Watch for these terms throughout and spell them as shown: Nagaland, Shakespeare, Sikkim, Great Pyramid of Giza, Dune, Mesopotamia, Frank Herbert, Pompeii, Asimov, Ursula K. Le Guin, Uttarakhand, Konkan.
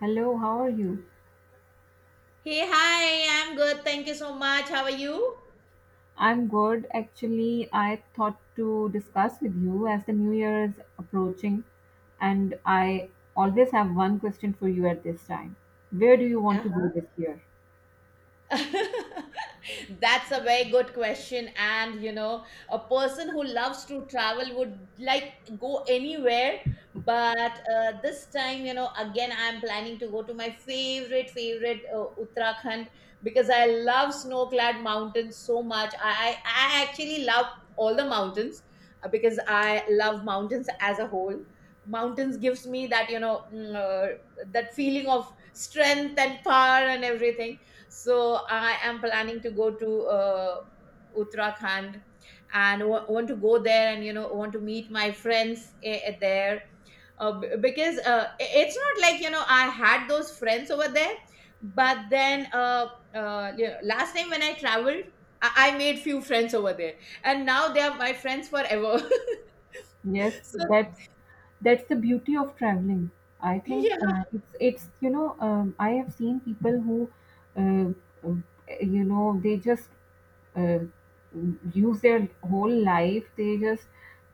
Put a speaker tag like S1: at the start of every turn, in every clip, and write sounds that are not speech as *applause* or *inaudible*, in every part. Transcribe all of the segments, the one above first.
S1: Hello, how are you?
S2: Hey, hi, I'm good. Thank you so much. How are you?
S1: I'm good. Actually, I thought to discuss with you as the new year is approaching, and I always have one question for you at this time. Where do you want to go this year?
S2: Uh-huh. *laughs* That's a very good question. And, a person who loves to travel would like go anywhere. But this time, again, I'm planning to go to my favorite Uttarakhand because I love snow clad mountains so much. I actually love all the mountains because I love mountains as a whole. Mountains gives me that, that feeling of strength and power and everything, so I am planning to go to Uttarakhand and want to go there, and want to meet my friends there because it's not like I had those friends over there, but then you know, last time when I traveled, I made few friends over there, and now they are my friends forever.
S1: Yes,
S2: *laughs* So
S1: that's the beauty of traveling. I think
S2: yeah.
S1: it's I have seen people who uh, um, you know they just uh, use their whole life they just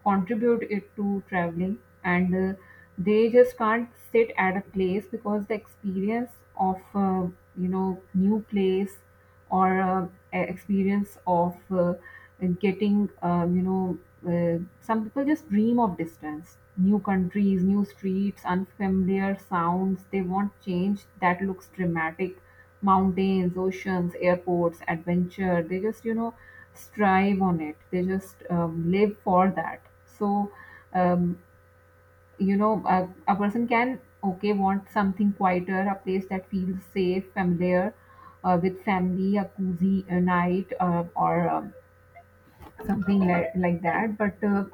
S1: contribute it to traveling, and they just can't sit at a place because the experience of you know, new place or experience of getting, you know, some people just dream of distance, new countries, new streets, unfamiliar sounds. They want change that looks dramatic, mountains, oceans, airports, adventure. They just, you know, strive on it. They just, live for that. So, um, you know, a person can, okay, want something quieter, a place that feels safe, familiar, with family, a cozy night, or something like that. But uh,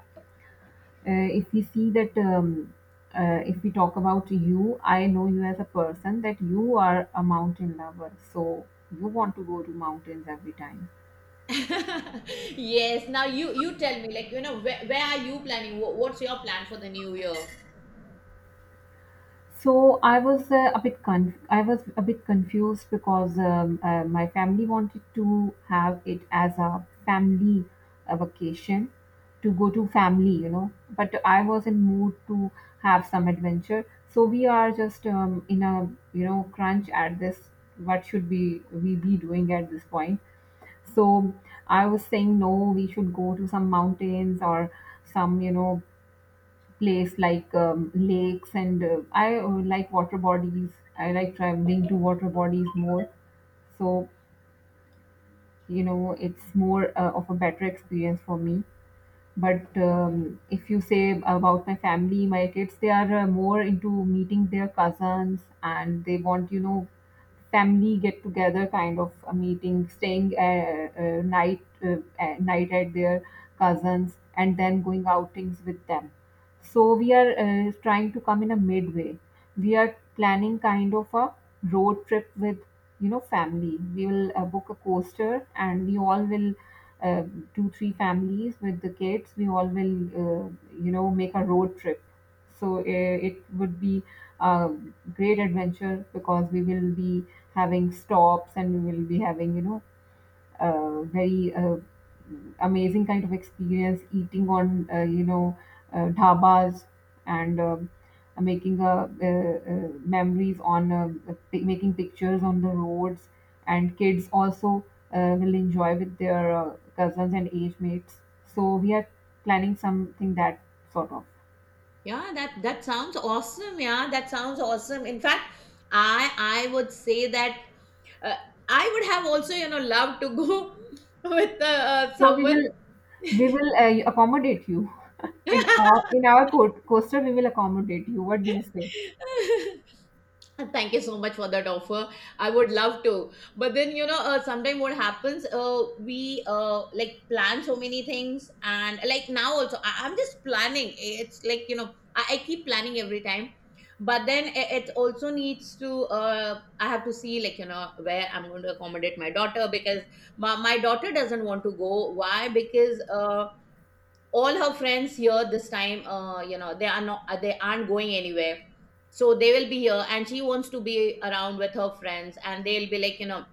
S1: uh, if we see that, if we talk about you, I know you as a person that you are a mountain lover, so you want to go to mountains every time.
S2: *laughs* Yes. Now you tell me, like where are you planning? What's your plan for the new year?
S1: So I was I was a bit confused because my family wanted to have it as a family vacation to go to family, you know. But I was in mood to have some adventure. So we are just, in a, you know, crunch at this. What should we be doing at this point? So I was saying no, we should go to some mountains or some, you know, place like, lakes and I like water bodies. I like traveling to water bodies more. So, you know, it's more of a better experience for me. But, if you say about my family, my kids, they are more into meeting their cousins and they want, you know, family get together kind of a meeting, staying night at their cousins and then going outings with them. So we are trying to come in a midway. We are planning kind of a road trip with, you know, family. We will book a coaster and we all will uh, two or three families with the kids. We all will you know, make a road trip. So it would be a great adventure because we will be having stops and we will be having, you know, very amazing kind of experience, eating on you know, dhabas, and making memories on making pictures on the roads, and kids also will enjoy with their cousins and age mates. So we are planning something that sort of.
S2: Yeah, that sounds awesome. Yeah, that sounds awesome. In fact, I would say that uh, I would have also loved to go *laughs* with
S1: So we
S2: someone.
S1: will, accommodate you in our, coaster, we will accommodate you. What do you say?
S2: *laughs* And thank you so much for that offer. I would love to, but then sometimes what happens? We like plan so many things, and like now also, I'm just planning. It's like you know, I keep planning every time, but then it also needs to. I have to see like where I'm going to accommodate my daughter because my daughter doesn't want to go. Why? Because all her friends here this time, you know, they are not, they aren't going anywhere, so they will be here and she wants to be around with her friends and they'll be like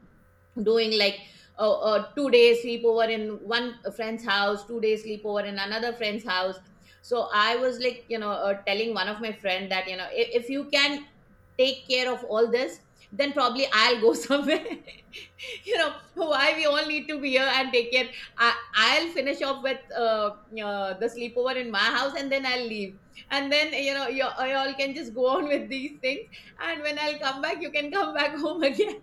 S2: doing like 2 days sleepover in one friend's house, 2 days sleepover in another friend's house. So I was like, telling one of my friend that you know if you can take care of all this, then probably I'll go *laughs* somewhere. You know, *laughs* why we all need to be here and take care? I'll finish off with the sleepover in my house and then I'll leave, and then you know you all can just go *laughs* on with these things, and when I'll come back you can come back *laughs* home again.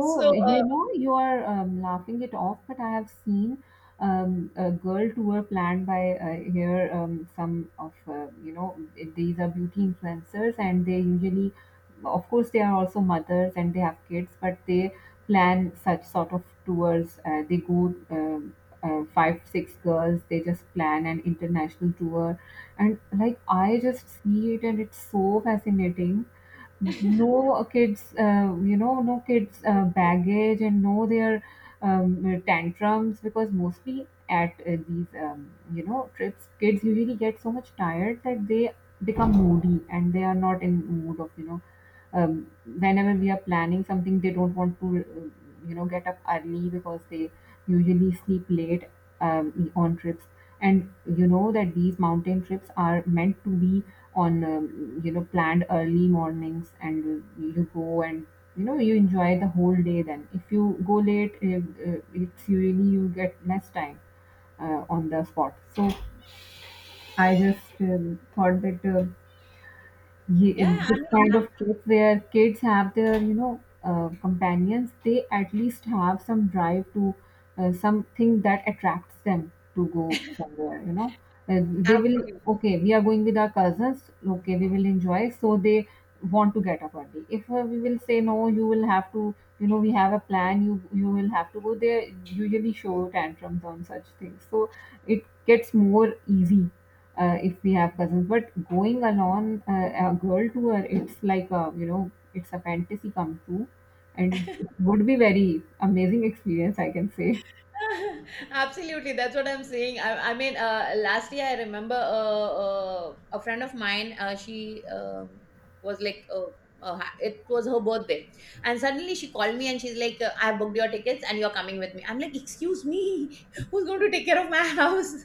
S2: So
S1: you know, you are, laughing it off, but I have seen, a girl tour planned by, here, some of, you know, these are beauty influencers, and they usually, of course, they are also mothers and they have kids, but they plan such sort of tours. They go five, six girls, they just plan an international tour. And like, I just see it, and it's so fascinating. No kids, you know, no kids, baggage, and no their, tantrums because mostly at these, you know, trips, kids usually get so much tired that they become moody and they are not in mood of, you know, um, whenever we are planning something, they don't want to, you know, get up early because they usually sleep late, on trips. And you know that these mountain trips are meant to be on, you know, planned early mornings and you go and, you know, you enjoy the whole day. Then if you go late, it's usually you get less time on the spot. So I just, thought that, ye-
S2: yeah, I
S1: this
S2: mean,
S1: kind of trip where kids have their, you know, companions, they at least have some drive to something that attracts them to go somewhere, you know, they will,
S2: absolutely.
S1: okay we are going with our cousins, okay we will enjoy. So they want to get up early. If we will say no, you will have to, you know, we have a plan, you will have to go there, usually show tantrums on such things. So it gets more easy if we have cousins. But going alone, a girl tour, it's like a, you know, it's a fantasy come true, and it would be very amazing experience, I can say.
S2: *laughs* Absolutely, that's what I'm saying. I mean, last year I remember a friend of mine. She was like, it was her birthday, and suddenly she called me and she's like, "I booked your tickets and you're coming with me." I'm like, "Excuse me, who's going to take care of my *laughs* house?"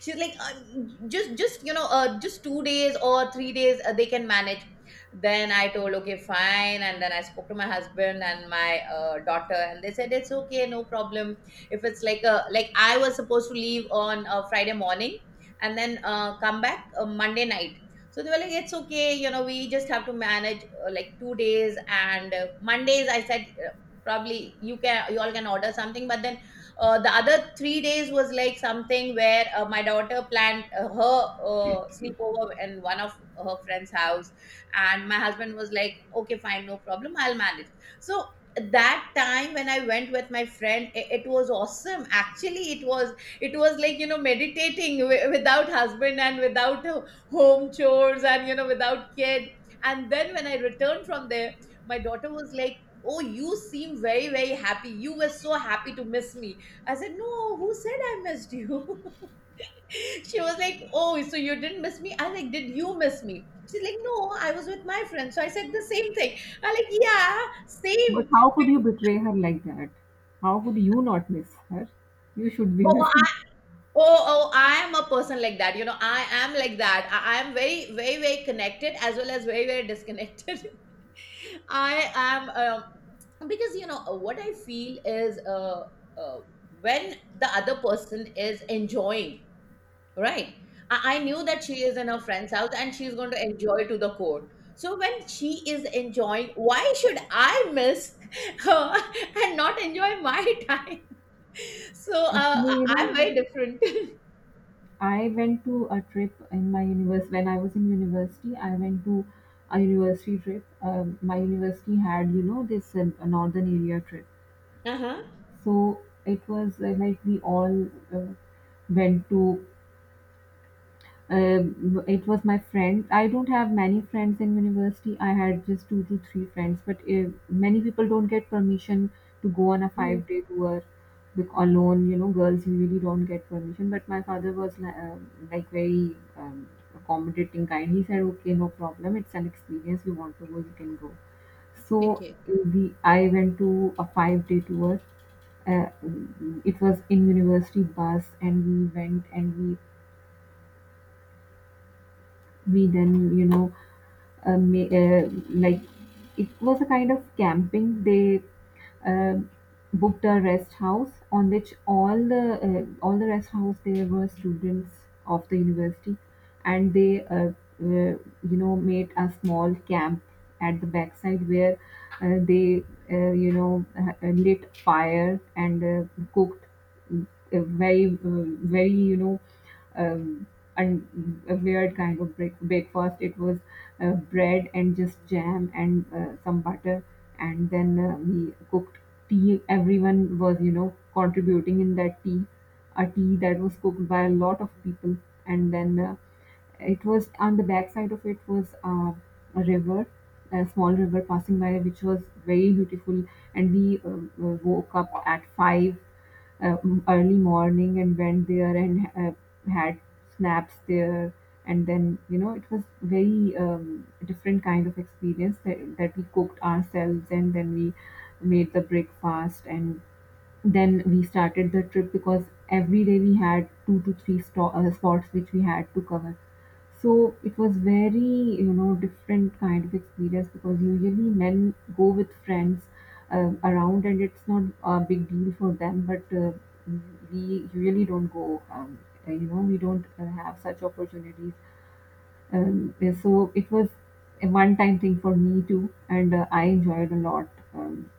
S2: She's like, just you know, just 2 days or 3 days, they can manage. Then I told okay fine, and then I spoke to my husband and my daughter and they said it's okay, no problem, if it's like a like I was supposed to leave on a Friday morning and then come back Monday night. So they were like, it's okay, you know, we just have to manage, like 2 days, and Mondays I said, probably you can you all can order something. But then the other 3 days was like something where my daughter planned her sleepover in one of her friend's house, and my husband was like, "Okay, fine, no problem, I'll manage." So that time when I went with my friend, it was awesome. Actually, it was, it was like you know meditating without husband and without home chores and you know without kid. And then when I returned from there, my daughter was like, "Oh, you seem very very happy. You were so happy to miss me." I said, "No, who said I missed you?" *laughs* She was like, "Oh, so you didn't miss me?" I like, "Did you miss me?" She's like, "No, I was with my friend." So I said the same thing. I like, "Yeah, same."
S1: But how could you
S2: Because—
S1: betray her like that? How could you not miss her? You should be
S2: Oh,
S1: missing.
S2: oh, I am a person like that. You know, I am like that. I am very, very, very connected as well as very, very disconnected. *laughs* I am Because you know, what I feel is uh, when the other person is enjoying, right? I knew that she is in her friend's house and she's going to enjoy to the core. So when she is enjoying, why should I miss her *laughs* and not enjoy my *laughs* time? So uh, I-
S1: Actually, you know,
S2: I'm very different. *laughs*
S1: I went to a trip in my universe when I was in university. I went to a university trip. My university had, you know, this northern area trip.
S2: Uh
S1: So it was like we all uh, went to. It was my friend. I don't have many friends in university. I had just two to three friends, but many people don't get permission to go on a
S2: huh.
S1: 5-day tour alone. You know, girls usually don't get permission. But my father was like very, accommodating kind. He said, "Okay, no problem. It's an experience. You want to go, you can go." So
S2: Okay.
S1: I went to a 5-day tour. uh, it was in university bus, and we went and we then, you know, like, it was a kind of camping. They uh, booked a rest house on which all the rest house there were students of the university, and they you know, made a small camp at the backside where they you know, lit fire and cooked uh, very, very, you know, um, a weird kind of breakfast. It was bread and just jam and some butter, and then we cooked tea. Everyone was, you know, contributing in that tea, a tea that was cooked by a lot of people, and then. It was on the backside of, it was a river, a small river passing by, which was very beautiful. And we woke up at 5 early morning and went there and had snaps there. And then, you know, it was very, different kind of experience that, that we cooked ourselves and then we made the breakfast, and then we started the trip because every day we had two to three spots which we had to cover. So it was very, you know, different kind of experience because usually men go with friends around, and it's not a big deal for them, but we usually don't go, you know, we don't have such opportunities. Yeah, so it was a one time thing for me too, and I enjoyed a lot. um,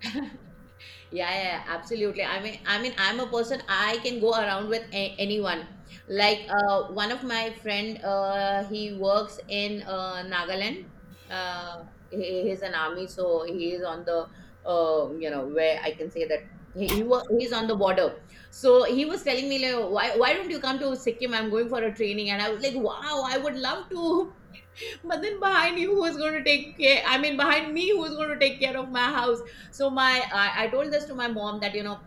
S2: Yeah, yeah, yeah, absolutely. I mean, I'm a person I can go around with anyone. Like one of my friend, he works in Nagaland. Uh, he's an army, so he is on the you know, where I can say that, he's on the border. So he was telling me like, why don't you come to Sikkim? I'm going for a training, and I was like, wow, I would love to, but then behind me who is going to take care, I mean, behind me who is going to take care of my house? So I told this to my mom that you know,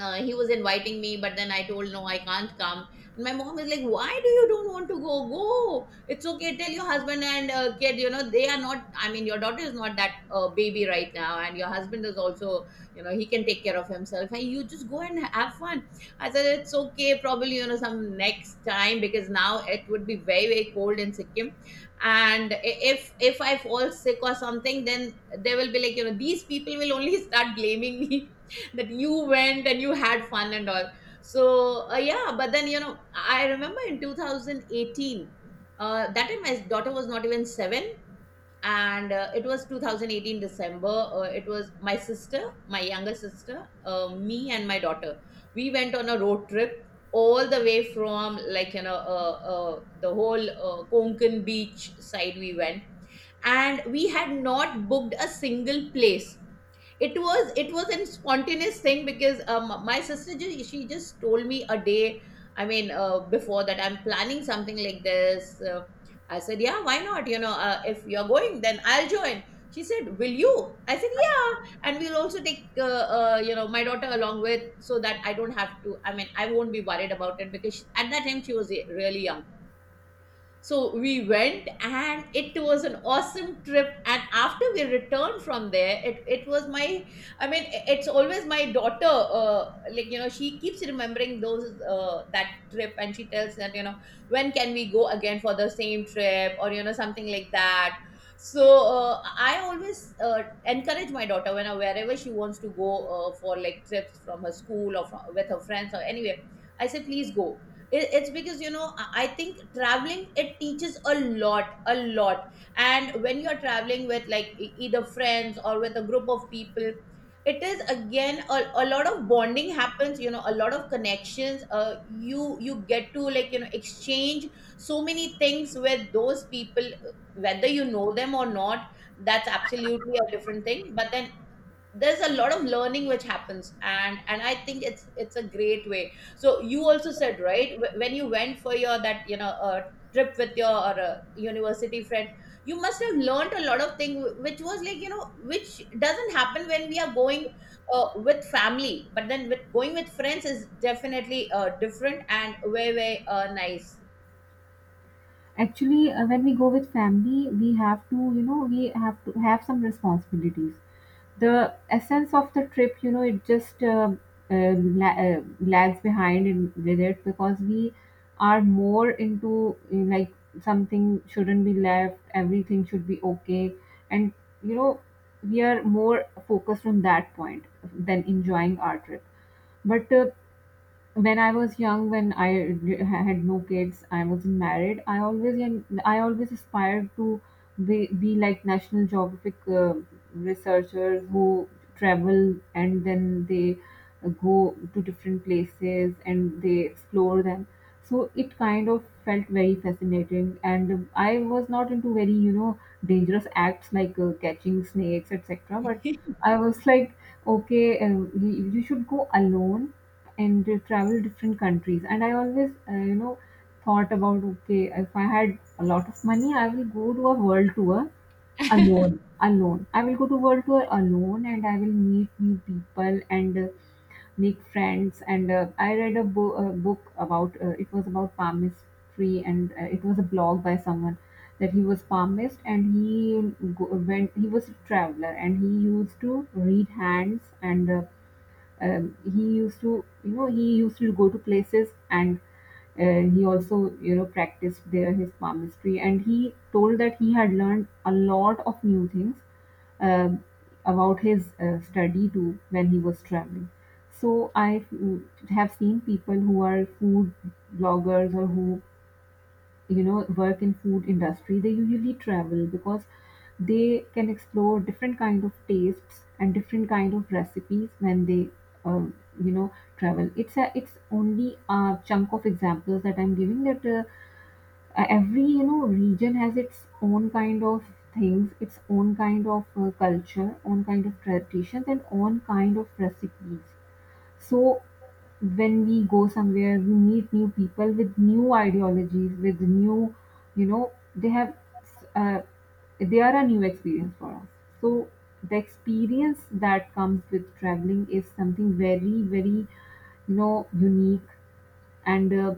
S2: he was inviting me, but then I told no, I can't come. And my mom is like, why do you don't want to go, go, it's okay, tell your husband and kid, you know they are not, I mean your daughter is not that baby right now, and your husband is also, you know, he can take care of himself, and you just go and have fun. I said it's okay, probably you know some next time, because now it would be very very cold in Sikkim, and if I fall sick or something, then they will be like you know, these people will only start blaming me, that you went and you had fun and all. So yeah, but then you know, I remember in 2018, that time my daughter was not even 7, and it was 2018 December. It was my sister, my younger sister, me and my daughter, we went on a road trip all the way from like you know the whole Konkan beach side we went, and we had not booked a single place. It was a spontaneous thing because my sister she just told me a day, I mean, before that, I'm planning something like this. I said yeah, why not, you know, if you're going then I'll join. She said, will you? I said yeah. And we'll also take you know my daughter along with, so that I don't have to, I mean, I won't be worried about it, because at that time she was really young. So we went and it was an awesome trip. And after we returned from there, it was my, I mean, it's always my daughter, like, you know, she keeps remembering those, that trip, and she tells that, you know, when can we go again for the same trip, or, you know, something like that. So I always encourage my daughter when wherever she wants to go for like trips from her school or from, with her friends or anywhere. I say, please go. It- it's because you know, I think traveling it teaches a lot, a lot, and when you're traveling with like either friends or with a group of people, it is again a lot of bonding happens, you know, a lot of connections. You get to like you know exchange so many things with those people, whether you know them or not. That's absolutely a different thing, but then there's a lot of learning which happens, and I think it's a great way. So you also said, right, when you went for your that you know trip with your university friend, you must have learned a lot of things, which was like you know which doesn't happen when we are going with family, but then with going with friends is definitely different and way way nice.
S1: Actually, when we go with family, we have to, you know, we have to have some responsibilities. The essence of the trip, you know, it just, lags behind in, with it, because we are more into, like, something shouldn't be left, everything should be okay, and, you know, we are more focused on that point than enjoying our trip. But, when I was young, when I had no kids, I wasn't married. I always aspired to be like National Geographic researchers who travel and then they go to different places and they explore them. So it kind of felt very fascinating, and I was not into very, you know, dangerous acts like catching snakes, etc. But I was like, okay, you should go alone and travel different countries. And I always, you know, thought about, okay, if I had a lot of money, I will go to a world tour alone. I will go to world tour alone and I will meet new people and, make friends. And I read a book about, it was about palmistry, and it was a blog by someone that he was palmist, and he go- went he was a traveler, and he used to read hands and, he used to, you know, he used to go to places, and he also, you know, practiced there his palmistry, and he told that he had learned a lot of new things, um, about his study too when he was traveling. So I, have seen people who are food bloggers or who, you know, work in food industry, they usually travel because they can explore different kind of tastes and different kind of recipes when they, uh, you know, travel. It's a, it's only a chunk of examples that I'm giving, that, every, you know, region has its own kind of things, its own kind of, culture, own kind of traditions, and own kind of recipes. So when we go somewhere, we meet new people with new ideologies, with new, you know, they have, uh, they are a new experience for us. So the experience that comes with traveling is something very, very, you know, unique. And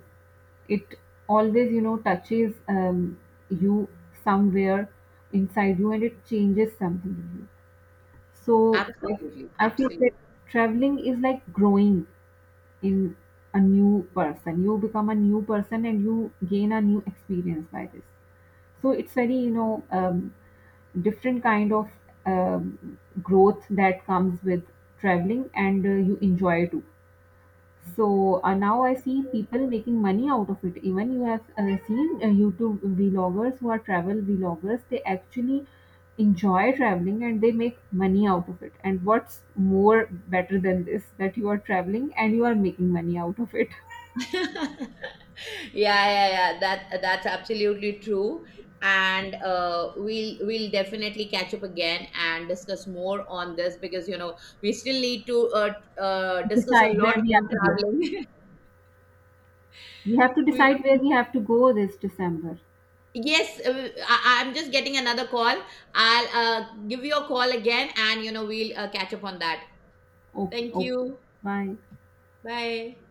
S1: it always, you know, touches, you somewhere inside you, and it changes something in you. So I feel that traveling is like growing in, a new person, you become a new person and you gain a new experience by this. So it's very, you know, different kind of, growth that comes with traveling, and you enjoy too. So now I see people making money out of it. Even you have seen YouTube vloggers who are travel vloggers. They actually enjoy traveling and they make money out of it. And what's more better than this? That you are traveling and you are making money out of it.
S2: Absolutely. *laughs* Yeah, yeah, yeah, that that's absolutely true. And we'll definitely catch up again and discuss more on this, because you know we still need to
S1: *laughs*
S2: discuss a
S1: Decide where
S2: lot
S1: we
S2: on
S1: have to go.
S2: traveling.
S1: We have to
S2: *laughs* we,
S1: decide where we have to go this December.
S2: yes, I'm just getting another call. I'll, give you a call again, and you know we'll, catch up on that.
S1: Okay.
S2: Thank
S1: Okay.
S2: you.
S1: Bye.
S2: Bye.